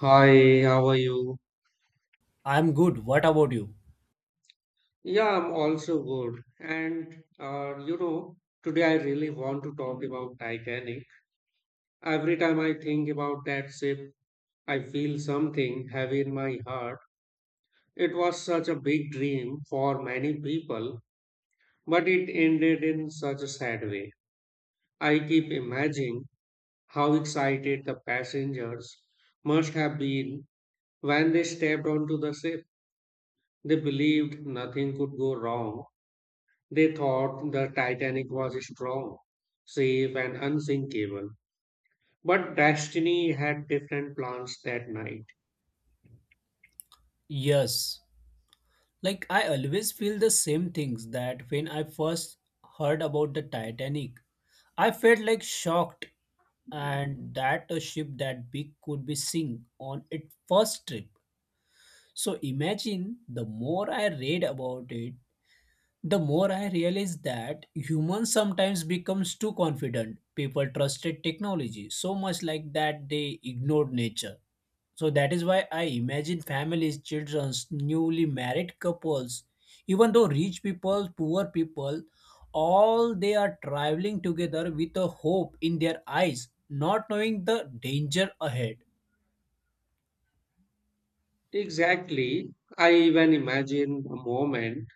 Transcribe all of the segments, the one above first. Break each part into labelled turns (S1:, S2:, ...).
S1: Hi, how are you?
S2: I'm good. What about you?
S1: Yeah, I'm also good. Today I really want to talk about Titanic. Every time I think about that ship, I feel something heavy in my heart. It was such a big dream for many people, but it ended in such a sad way. I keep imagining how excited the passengers must have been when they stepped onto the ship. They believed nothing could go wrong. They thought the Titanic was strong, safe, and unsinkable. But destiny had different plans that night.
S2: Yes. Like, I always feel the same things that when I first heard about the Titanic, I felt like shocked and that a ship that big could be sink on its first trip. So imagine, the more I read about it, the more I realized that humans sometimes becomes too confident. People trusted technology so much like that they ignored nature. So that is why I imagine families, childrens, newly married couples, even though rich people, poor people, all they are traveling together with a hope in their eyes, not knowing the danger ahead.
S1: Exactly. I even imagine the moment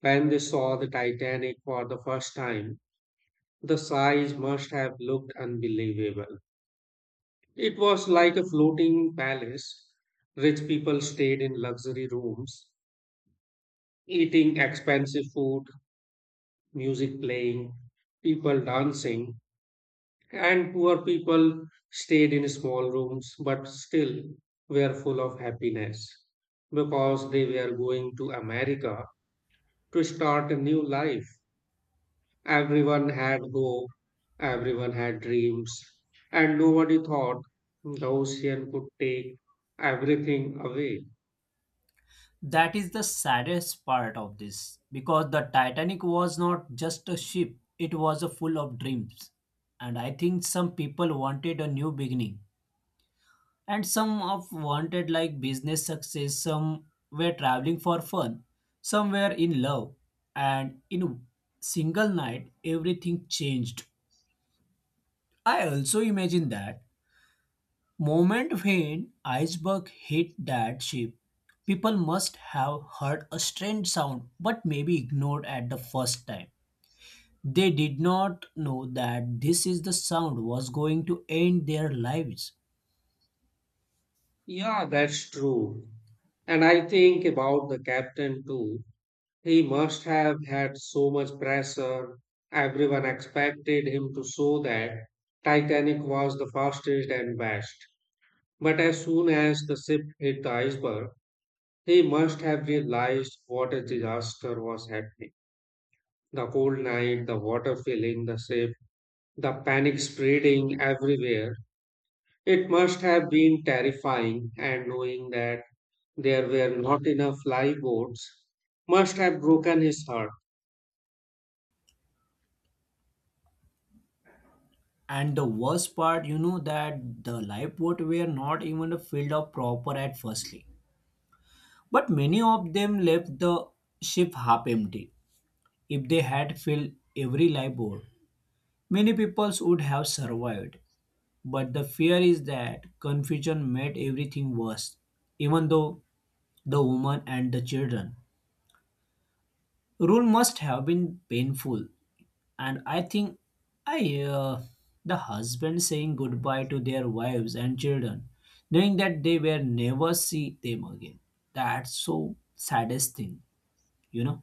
S1: when they saw the Titanic for the first time. The size must have looked unbelievable. It was like a floating palace. Rich people stayed in luxury rooms, eating expensive food, music playing, people dancing. And poor people stayed in small rooms but still were full of happiness because they were going to America to start a new life. Everyone had hope, everyone had dreams, and nobody thought the ocean could take everything away.
S2: That is the saddest part of this because the Titanic was not just a ship, it was a full of dreams. And I think some people wanted a new beginning and some of wanted like business success, some were traveling for fun, some were in love, and in a single night everything changed. I also imagine that moment when iceberg hit that ship. People must have heard a strange sound but maybe ignored at the first time. They did not know that this is the sound was going to end their lives.
S1: Yeah, that's true. And I think about the captain too. He must have had so much pressure. Everyone expected him to show that Titanic was the fastest and best. But as soon as the ship hit the iceberg, he must have realized what a disaster was happening. The cold night, the water filling the ship, the panic spreading everywhere. It must have been terrifying, and knowing that there were not enough lifeboats must have broken his heart.
S2: And the worst part, that the lifeboat were not even filled up proper at firstly. But many of them left the ship half empty. If they had filled every lifeboat, many peoples would have survived. But the fear is that confusion made everything worse, even though the woman and the children. Rule must have been painful, and I think I the husband saying goodbye to their wives and children, knowing that they will never see them again, that's so saddest thing you know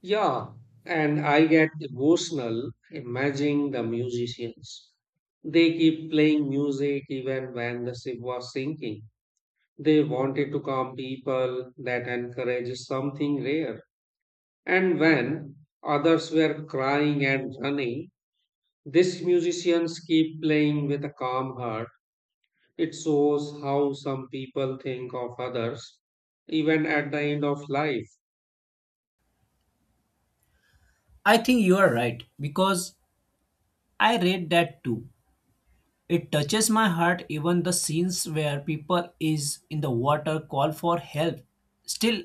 S1: Yeah, and I get emotional imagining the musicians. They keep playing music even when the ship was sinking. They wanted to calm people, that encourages something rare. And when others were crying and running, these musicians keep playing with a calm heart. It shows how some people think of others, even at the end of life.
S2: I think you are right because I read that too. It touches my heart, even the scenes where people is in the water call for help still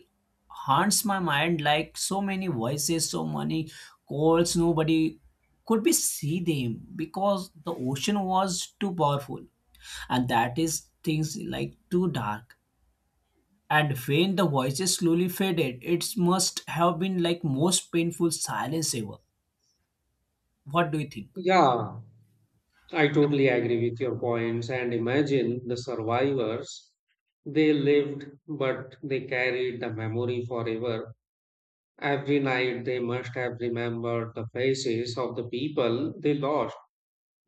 S2: haunts my mind, like so many voices, so many calls, nobody could be see them because the ocean was too powerful, and that is things like too dark, and when the voices slowly faded, it must have been like most painful silence ever. What do you think?
S1: Yeah, I totally agree with your points, and imagine the survivors. They lived, but they carried the memory forever. Every night they must have remembered the faces of the people they lost.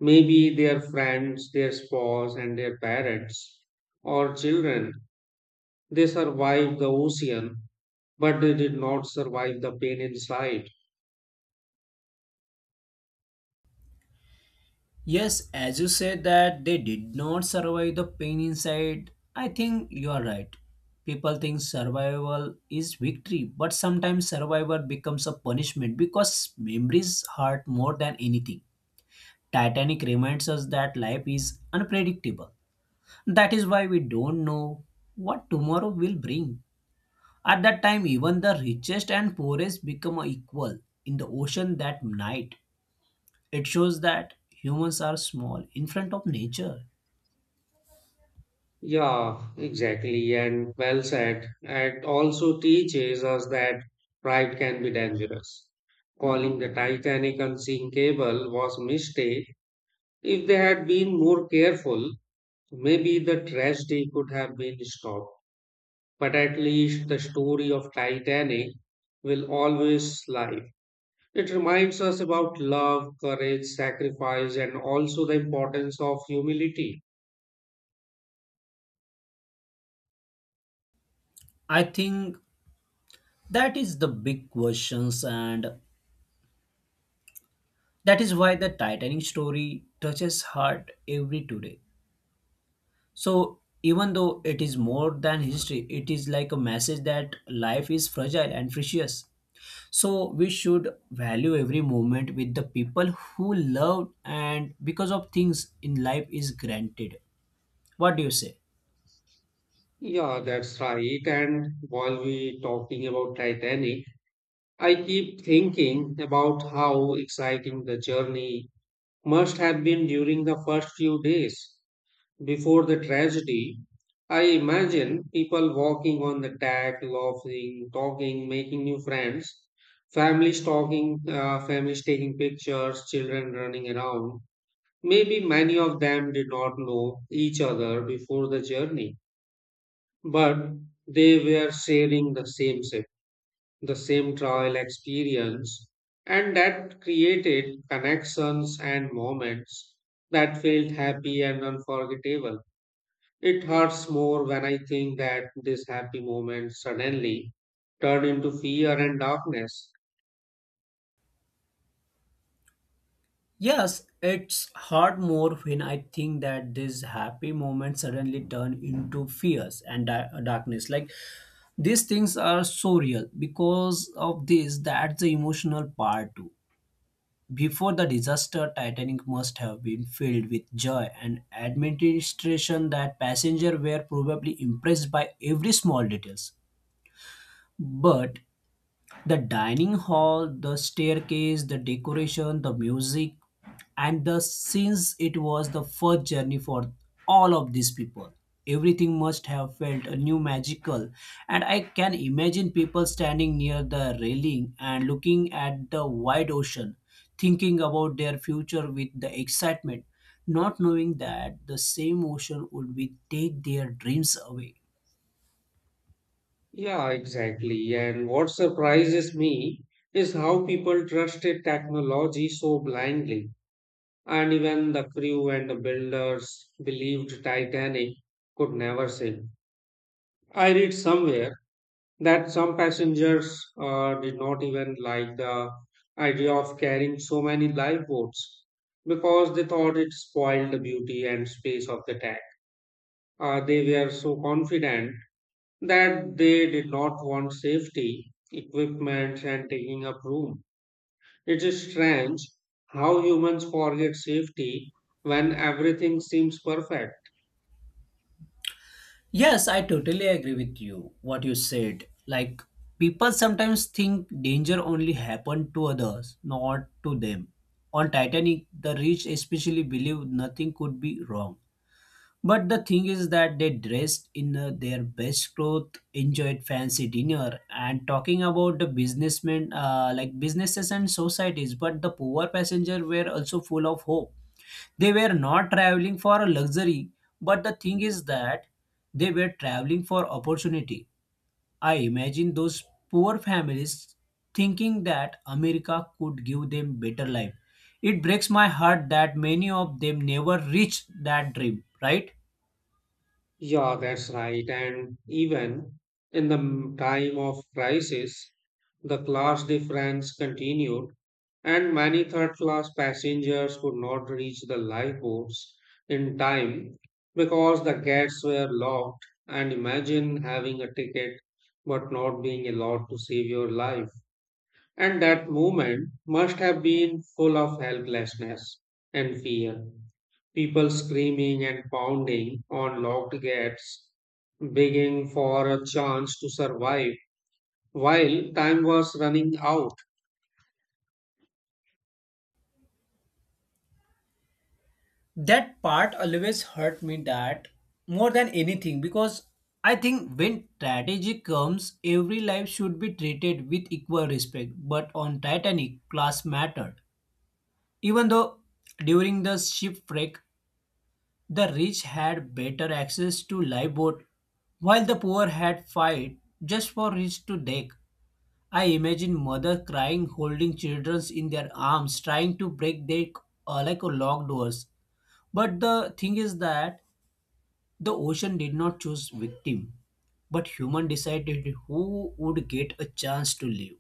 S1: Maybe their friends, their spouse, and their parents or children. They survived the ocean, but they did not survive the pain inside.
S2: Yes, as you said that they did not survive the pain inside, I think you are right. People think survival is victory, but sometimes survival becomes a punishment because memories hurt more than anything. Titanic reminds us that life is unpredictable. That is why we don't know what tomorrow will bring. At that time, even the richest and poorest become equal in the ocean that night. It shows that humans are small in front of nature.
S1: Yeah, exactly, and well said. It also teaches us that pride can be dangerous. Calling the Titanic unsinkable was a mistake. If they had been more careful, maybe the tragedy could have been stopped. But at least the story of Titanic will always live. It reminds us about love, courage, sacrifice, and also the importance of humility.
S2: I think that is the big questions, and that is why the Titanic story touches heart every today. So even though it is more than history, it is like a message that life is fragile and precious. So we should value every moment with the people who love, and because of things in life is granted. What do you say?
S1: Yeah, that's right. And while we talking about Titanic, I keep thinking about how exciting the journey must have been during the first few days before the tragedy. I imagine people walking on the deck, laughing, talking, making new friends, families taking pictures, children running around. Maybe many of them did not know each other before the journey, but they were sharing the same set, the same trial experience, and that created connections and moments that felt happy and unforgettable. It hurts more when I think that this happy moment suddenly turned into fear and darkness.
S2: Yes, it's hard more when I think that these happy moments suddenly turn into fears and darkness. Like, these things are so real because of this, that's the emotional part too. Before the disaster, Titanic must have been filled with joy and administration, that passengers were probably impressed by every small details. But the dining hall, the staircase, the decoration, the music, and the since it was the first journey for all of these people, everything must have felt a new magical, and I can imagine people standing near the railing and looking at the wide ocean, thinking about their future with the excitement, not knowing that the same ocean would be take their dreams away.
S1: Yeah, exactly. And what surprises me is how people trusted technology so blindly. And even the crew and the builders believed Titanic could never sink. I read somewhere that some passengers did not even like the idea of carrying so many lifeboats because they thought it spoiled the beauty and space of the tank. They were so confident that they did not want safety, equipment, and taking up room. It is strange how humans forget safety when everything seems perfect.
S2: Yes, I totally agree with you what you said. Like, people sometimes think danger only happened to others, not to them. On Titanic, the rich especially believed nothing could be wrong. But the thing is that they dressed in their best clothes, enjoyed fancy dinner, and talking about the businessmen, like businesses and societies. But the poor passenger were also full of hope. They were not traveling for a luxury, but the thing is that they were traveling for opportunity. I imagine those poor families thinking that america could give them better life. It breaks my heart that many of them never reached that dream, right?
S1: Yeah, that's right. And even in the time of crisis, the class difference continued, and many third class passengers could not reach the lifeboats in time because the gates were locked. And imagine having a ticket but not being allowed to save your life. And that moment must have been full of helplessness and fear. People screaming and pounding on locked gates, begging for a chance to survive while time was running out.
S2: That part always hurt me, that, more than anything, because I think when tragedy comes every life should be treated with equal respect, but on Titanic class mattered. Even though during the shipwreck, the rich had better access to lifeboat, while the poor had fight just for reach to deck. I imagine mother crying, holding children in their arms, trying to break their like a locked doors. But the thing is that the ocean did not choose victim, but human decided who would get a chance to live.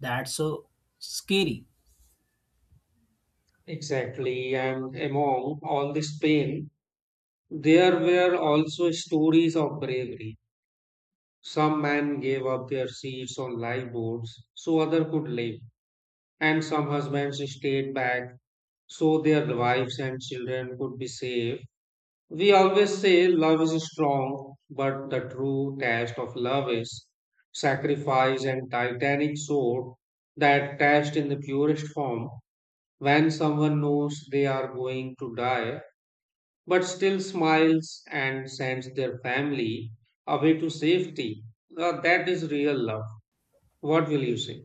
S2: That's so scary.
S1: Exactly, and among all this pain, there were also stories of bravery. Some men gave up their seats on lifeboats so others could live, and some husbands stayed back so their wives and children could be safe. We always say love is strong, but the true test of love is sacrifice, and titanic sword that test in the purest form when someone knows they are going to die but still smiles and sends their family away to safety. That is real love. What will you say?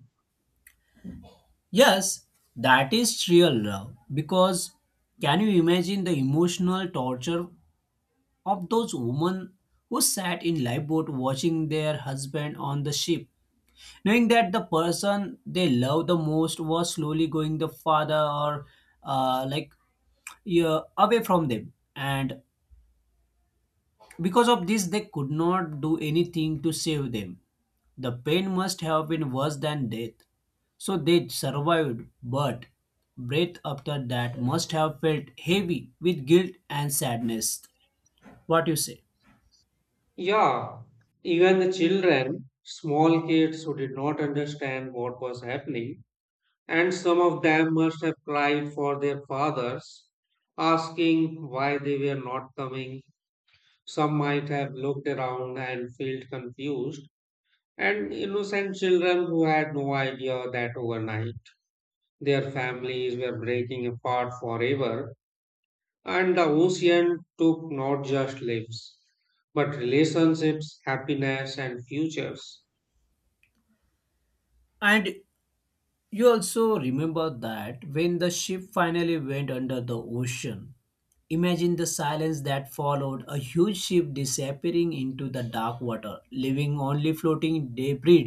S2: Yes, that is real love. Because can you imagine the emotional torture of those women who sat in lifeboat watching their husband on the ship, knowing that the person they love the most was slowly going the farther, or like, yeah, away from them, and because of this, they could not do anything to save them. The pain must have been worse than death. So they survived, but breath after that must have felt heavy with guilt and sadness. What you say?
S1: Yeah, even the children, small kids who did not understand what was happening, and some of them must have cried for their fathers, asking why they were not coming. Some might have looked around and felt confused, and innocent children who had no idea that overnight their families were breaking apart forever, and the ocean took not just lives, but relationships, happiness, and futures.
S2: And you also remember that when the ship finally went under the ocean, imagine the silence that followed, a huge ship disappearing into the dark water, leaving only floating debris.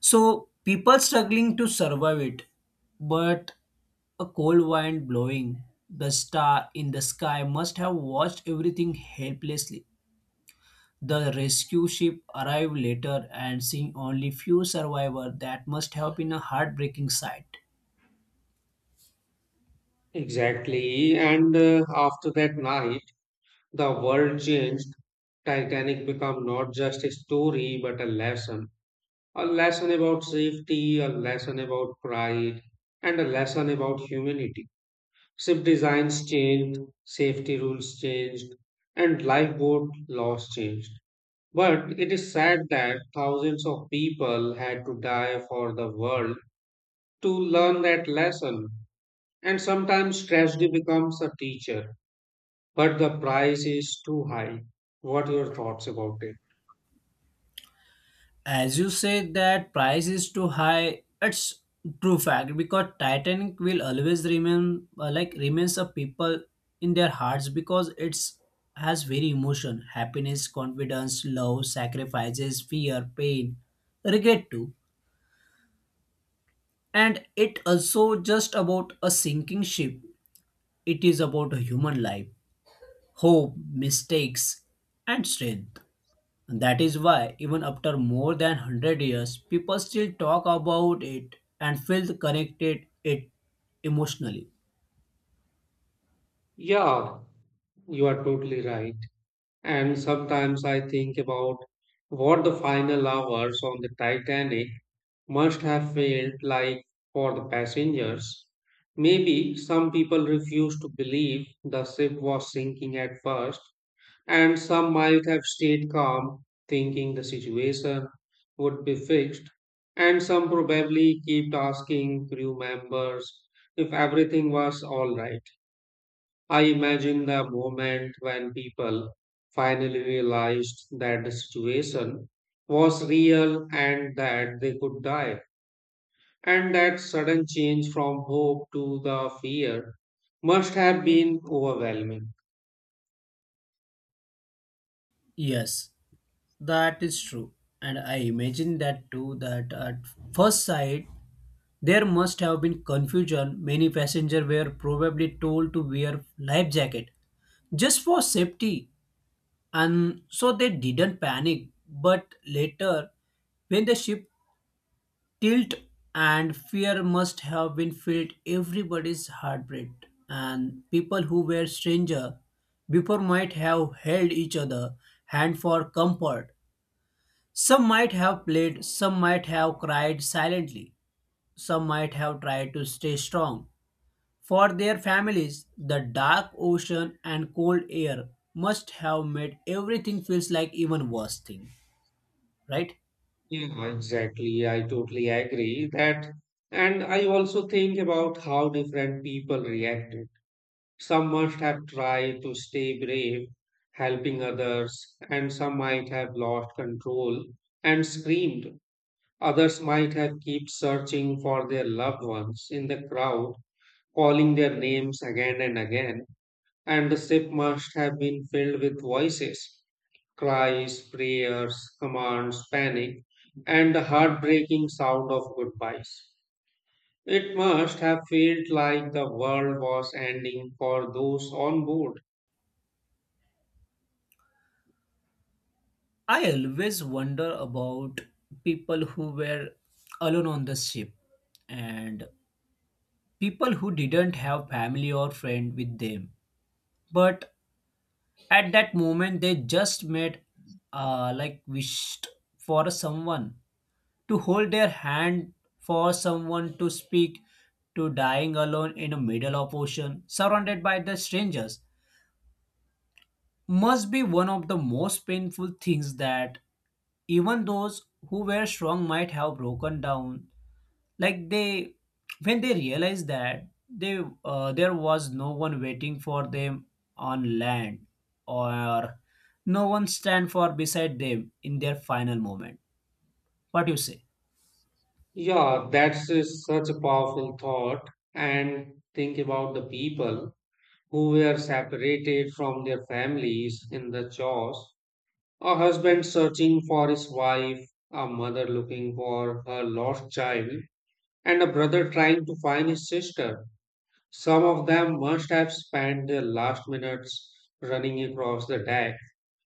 S2: So people struggling to survive it, but a cold wind blowing. The star in the sky must have watched everything helplessly. The rescue ship arrived later, and seeing only few survivors, that must have been a heartbreaking sight.
S1: Exactly. And after that night, the world changed. Titanic became not just a story, but a lesson. A lesson about safety, a lesson about pride, and a lesson about humanity. Ship designs changed, safety rules changed, and lifeboat laws changed. But it is sad that thousands of people had to die for the world to learn that lesson. And sometimes tragedy becomes a teacher, but the price is too high. What are your thoughts about it?
S2: As you said that price is too high, it's true fact, because Titanic will always remain, like, remains a people in their hearts, because it's has very emotion, happiness, confidence, love, sacrifices, fear, pain, regret too. And it also just about a sinking ship. It is about a human life, hope, mistakes, and strength. That is why, even after more than 100 years, people still talk about it and feel connected it emotionally.
S1: Yeah, you are totally right. And sometimes I think about what the final hours on the Titanic must have felt like for the passengers. Maybe some people refused to believe the ship was sinking at first, and some might have stayed calm, thinking the situation would be fixed. And some probably kept asking crew members if everything was all right. I imagine the moment when people finally realized that the situation was real and that they could die. And that sudden change from hope to the fear must have been overwhelming.
S2: Yes, that is true. And I imagine that too, that at first sight, there must have been confusion. Many passengers were probably told to wear life jacket just for safety, and so they didn't panic. But later, when the ship guilt and fear must have been filled everybody's heartbeat, and people who were stranger before might have held each other hand for comfort. Some might have played, some might have cried silently, some might have tried to stay strong. For their families, the dark ocean and cold air must have made everything feels like even worse thing, right?
S1: Yeah, exactly. I totally agree that, and I also think about how different people reacted. Some must have tried to stay brave, helping others, and some might have lost control and screamed. Others might have kept searching for their loved ones in the crowd, calling their names again and again, and the ship must have been filled with voices, cries, prayers, commands, panic, and the heartbreaking sound of goodbyes. It must have felt like the world was ending for those on board.
S2: I always wonder about people who were alone on the ship, and people who didn't have family or friend with them. But at that moment, they just made, like, wished for someone to hold their hand, for someone to speak. To dying alone in the middle of ocean, surrounded by the strangers, must be one of the most painful things, that even those who were strong might have broken down, like they, when they realized that they there was no one waiting for them on land, or no one stand for beside them in their final moment. What you say?
S1: Yeah, that's such a powerful thought. And think about the people who were separated from their families in the chores. A husband searching for his wife, a mother looking for her lost child, and a brother trying to find his sister. Some of them must have spent their last minutes running across the deck,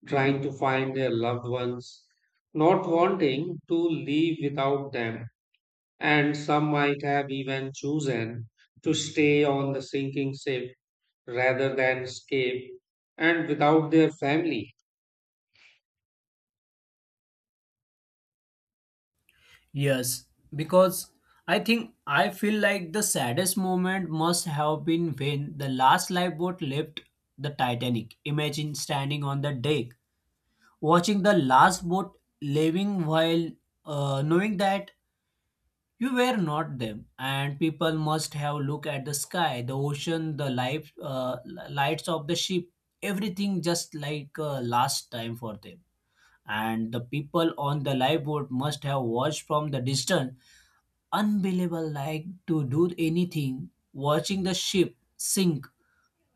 S1: trying to find their loved ones, not wanting to leave without them. And some might have even chosen to stay on the sinking ship rather than escape and without their family.
S2: Yes, because I think I feel like the saddest moment must have been when the last lifeboat left the Titanic. Imagine standing on the deck, watching the last boat leaving, while, knowing that you were not them, and people must have looked at the sky, the ocean, the lights of the ship, everything just like, last time for them, and the people on the lifeboat must have watched from the distance, unbelievable like to do anything, watching the ship sink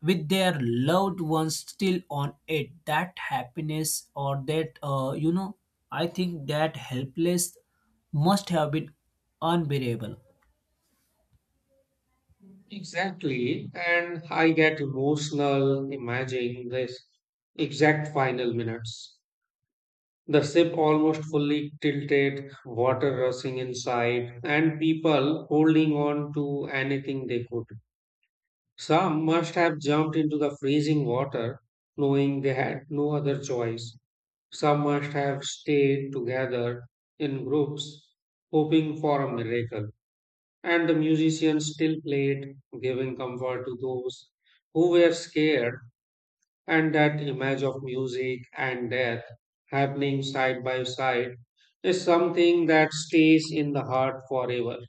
S2: with their loved ones still on it. That happiness, or that. I think that helpless must have been unbearable.
S1: Exactly. And I get emotional imagining this exact final minutes. The ship almost fully tilted, water rushing inside, and people holding on to anything they could. Some must have jumped into the freezing water, knowing they had no other choice. Some must have stayed together in groups, hoping for a miracle. And the musicians still played, giving comfort to those who were scared, and that image of music and death happening side by side is something that stays in the heart forever.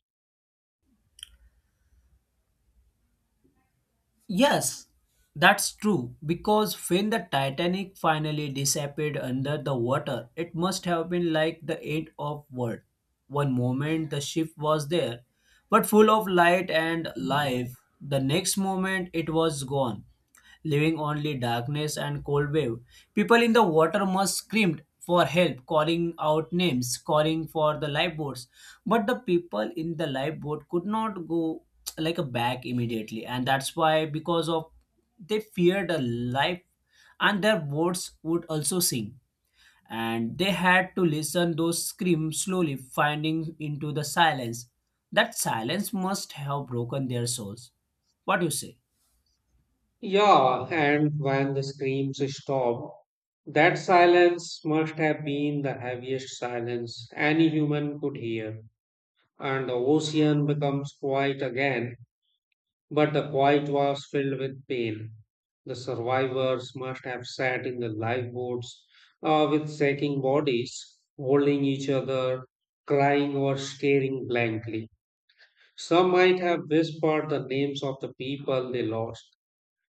S2: Yes, that's true. Because when the Titanic finally disappeared under the water, it must have been like the end of world. One moment the ship was there, but full of light and life. The next moment it was gone, leaving only darkness and cold wave. People in the water must screamed for help, calling out names, calling for the lifeboats. But the people in the lifeboat could not go like a back immediately, and that's why, because of they feared a life, and their boats would also sink, and they had to listen those screams slowly finding into the silence. That silence must have broken their souls. What do you say?
S1: Yeah, and when the screams stopped, that silence must have been the heaviest silence any human could hear. And the ocean becomes quiet again, but the quiet was filled with pain. The survivors must have sat in the lifeboats with shaking bodies, holding each other, crying or staring blankly. Some might have whispered the names of the people they lost.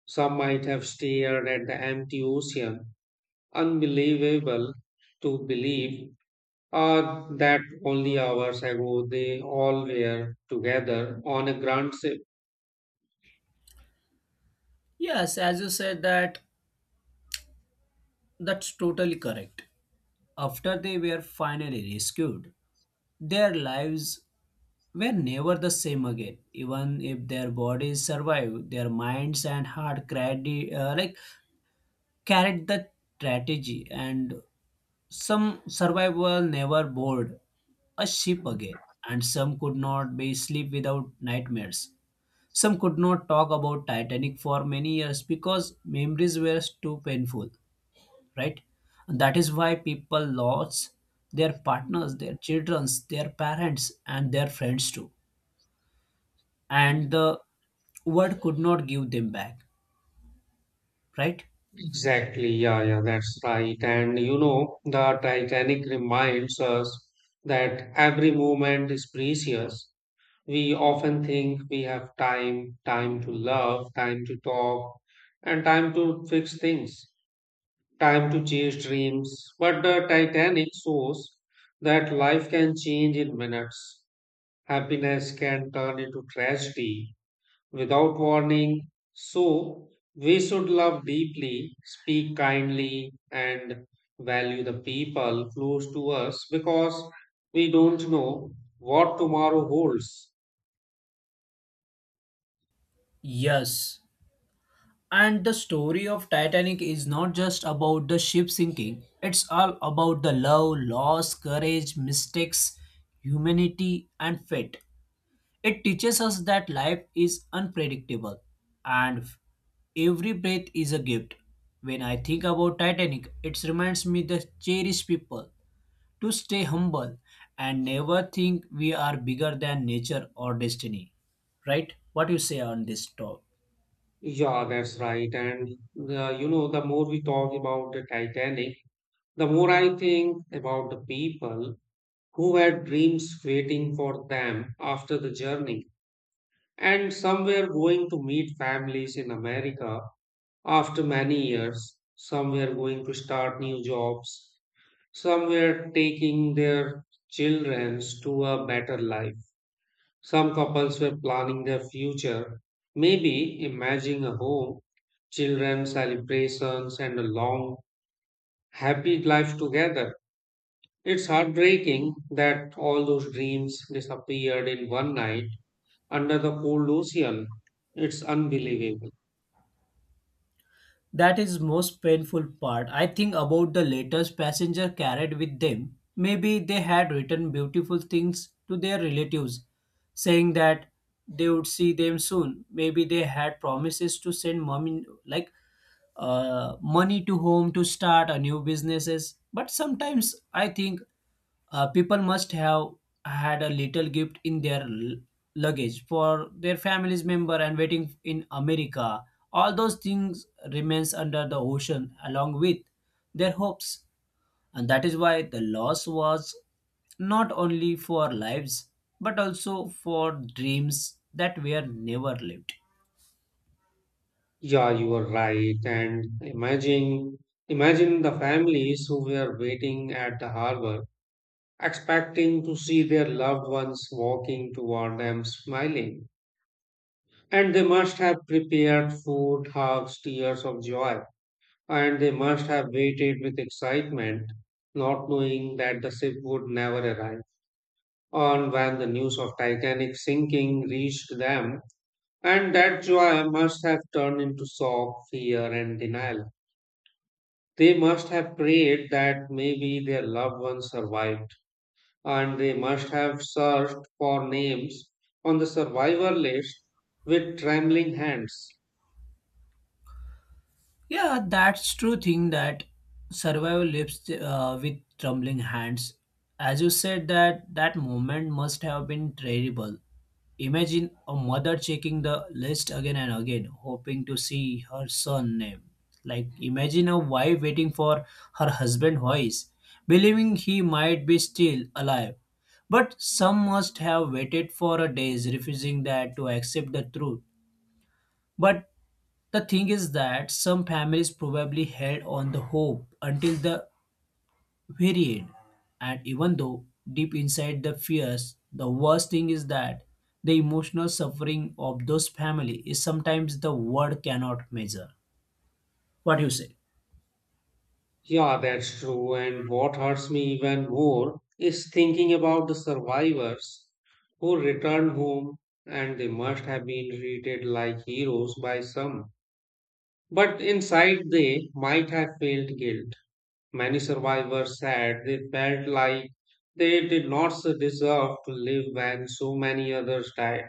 S1: Some might have stared at the empty ocean, unbelievable to believe that only hours ago they all were together on a grand ship.
S2: Yes, as you said that, that's totally correct. After they were finally rescued, their lives were never the same again. Even if their bodies survived, their minds and heart carried the strategy, and some survivors never board a ship again, and some could not be sleep without nightmares. Some could not talk about Titanic for many years because memories were too painful, right? And that is why people lost their partners, their childrens, their parents, and their friends too. And the world could not give them back, right?
S1: Exactly, yeah, yeah, that's right. And you know, the Titanic reminds us that every moment is precious. We often think we have time, time to love, time to talk, and time to fix things, time to chase dreams. But the Titanic shows that life can change in minutes. Happiness can turn into tragedy, without warning. So, we should love deeply, speak kindly, and value the people close to us because we don't know what tomorrow holds.
S2: Yes. And the story of Titanic is not just about the ship sinking. It's all about the love, loss, courage, mistakes, humanity, and fate. It teaches us that life is unpredictable, and every breath is a gift. When I think about Titanic, it reminds me to cherish people, to stay humble, and never think we are bigger than nature or destiny. Right? What you say on this talk?
S1: Yeah, that's right. And the more we talk about the Titanic, the more I think about the people who had dreams waiting for them after the journey, and some were going to meet families in America. After many years, some were going to start new jobs, some were taking their children to a better life, some couples were planning their future, maybe imagining a home, children, celebrations, and a long, happy life together. It's heartbreaking that all those dreams disappeared in one night under the cold ocean. It's unbelievable.
S2: That is most painful part. I think about the letters passenger carried with them. Maybe they had written beautiful things to their relatives, saying that they would see them soon. Maybe they had promises to send mom in, like, money to home to start a new businesses. But sometimes I think, people must have had a little gift in their luggage for their family's member and waiting in america. All those things remains under the ocean along with their hopes, and that is why the loss was not only for lives, but also for dreams that were never lived.
S1: Yeah, you are right. And imagine the families who were waiting at the harbor, expecting to see their loved ones walking toward them smiling. And they must have prepared food, hugs, tears of joy. And they must have waited with excitement, not knowing that the ship would never arrive. On when the news of Titanic sinking reached them, and that joy must have turned into shock, fear, and denial. They must have prayed that maybe their loved ones survived, and they must have searched for names on the survivor list with trembling hands.
S2: Yeah, that's true thing, that survival lives, with trembling hands. As you said that, that moment must have been terrible. Imagine a mother checking the list again and again, hoping to see her son name. Like, imagine a wife waiting for her husband voice, believing he might be still alive. But some must have waited for a days, refusing that to accept the truth. But the thing is that some families probably held on the hope until the very end, and even though deep inside the fears, the worst thing is that the emotional suffering of those families is sometimes the word cannot measure. What do you say?
S1: Yeah, that's true. And what hurts me even more is thinking about the survivors who returned home, and they must have been treated like heroes by some. But inside, they might have felt guilt. Many survivors said they felt like they did not deserve to live when so many others died,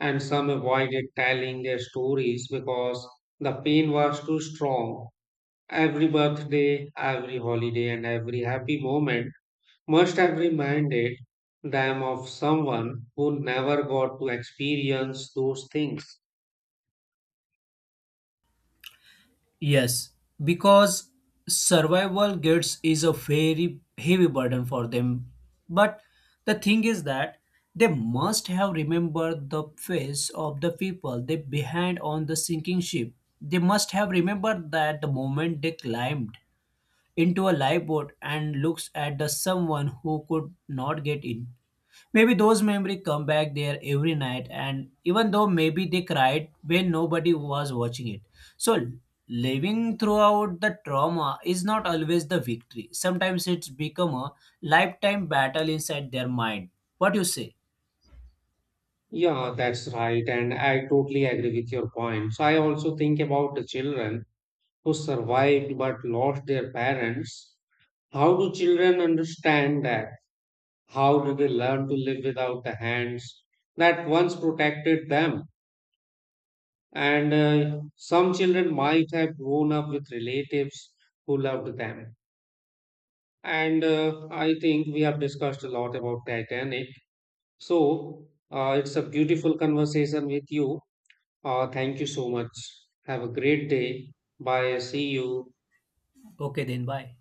S1: and some avoided telling their stories because the pain was too strong. Every birthday, every holiday, and every happy moment must have reminded them of someone who never got to experience those things.
S2: Yes, because survival guides is a very heavy burden for them. But the thing is that they must have remembered the face of the people they behind on the sinking ship. They must have remembered that the moment they climbed into a lifeboat and looks at the someone who could not get in. Maybe those memories come back there every night, and even though maybe they cried when nobody was watching it. So, living throughout the trauma is not always the victory. Sometimes it's become a lifetime battle inside their mind. What you say?
S1: Yeah, that's right. And I totally agree with your point. So I also think about the children who survived but lost their parents. How do children understand that? How do they learn to live without the hands that once protected them? And some children might have grown up with relatives who loved them. And I think we have discussed a lot about Titanic. So it's a beautiful conversation with you. Thank you so much. Have a great day. Bye. See you.
S2: Okay, then bye.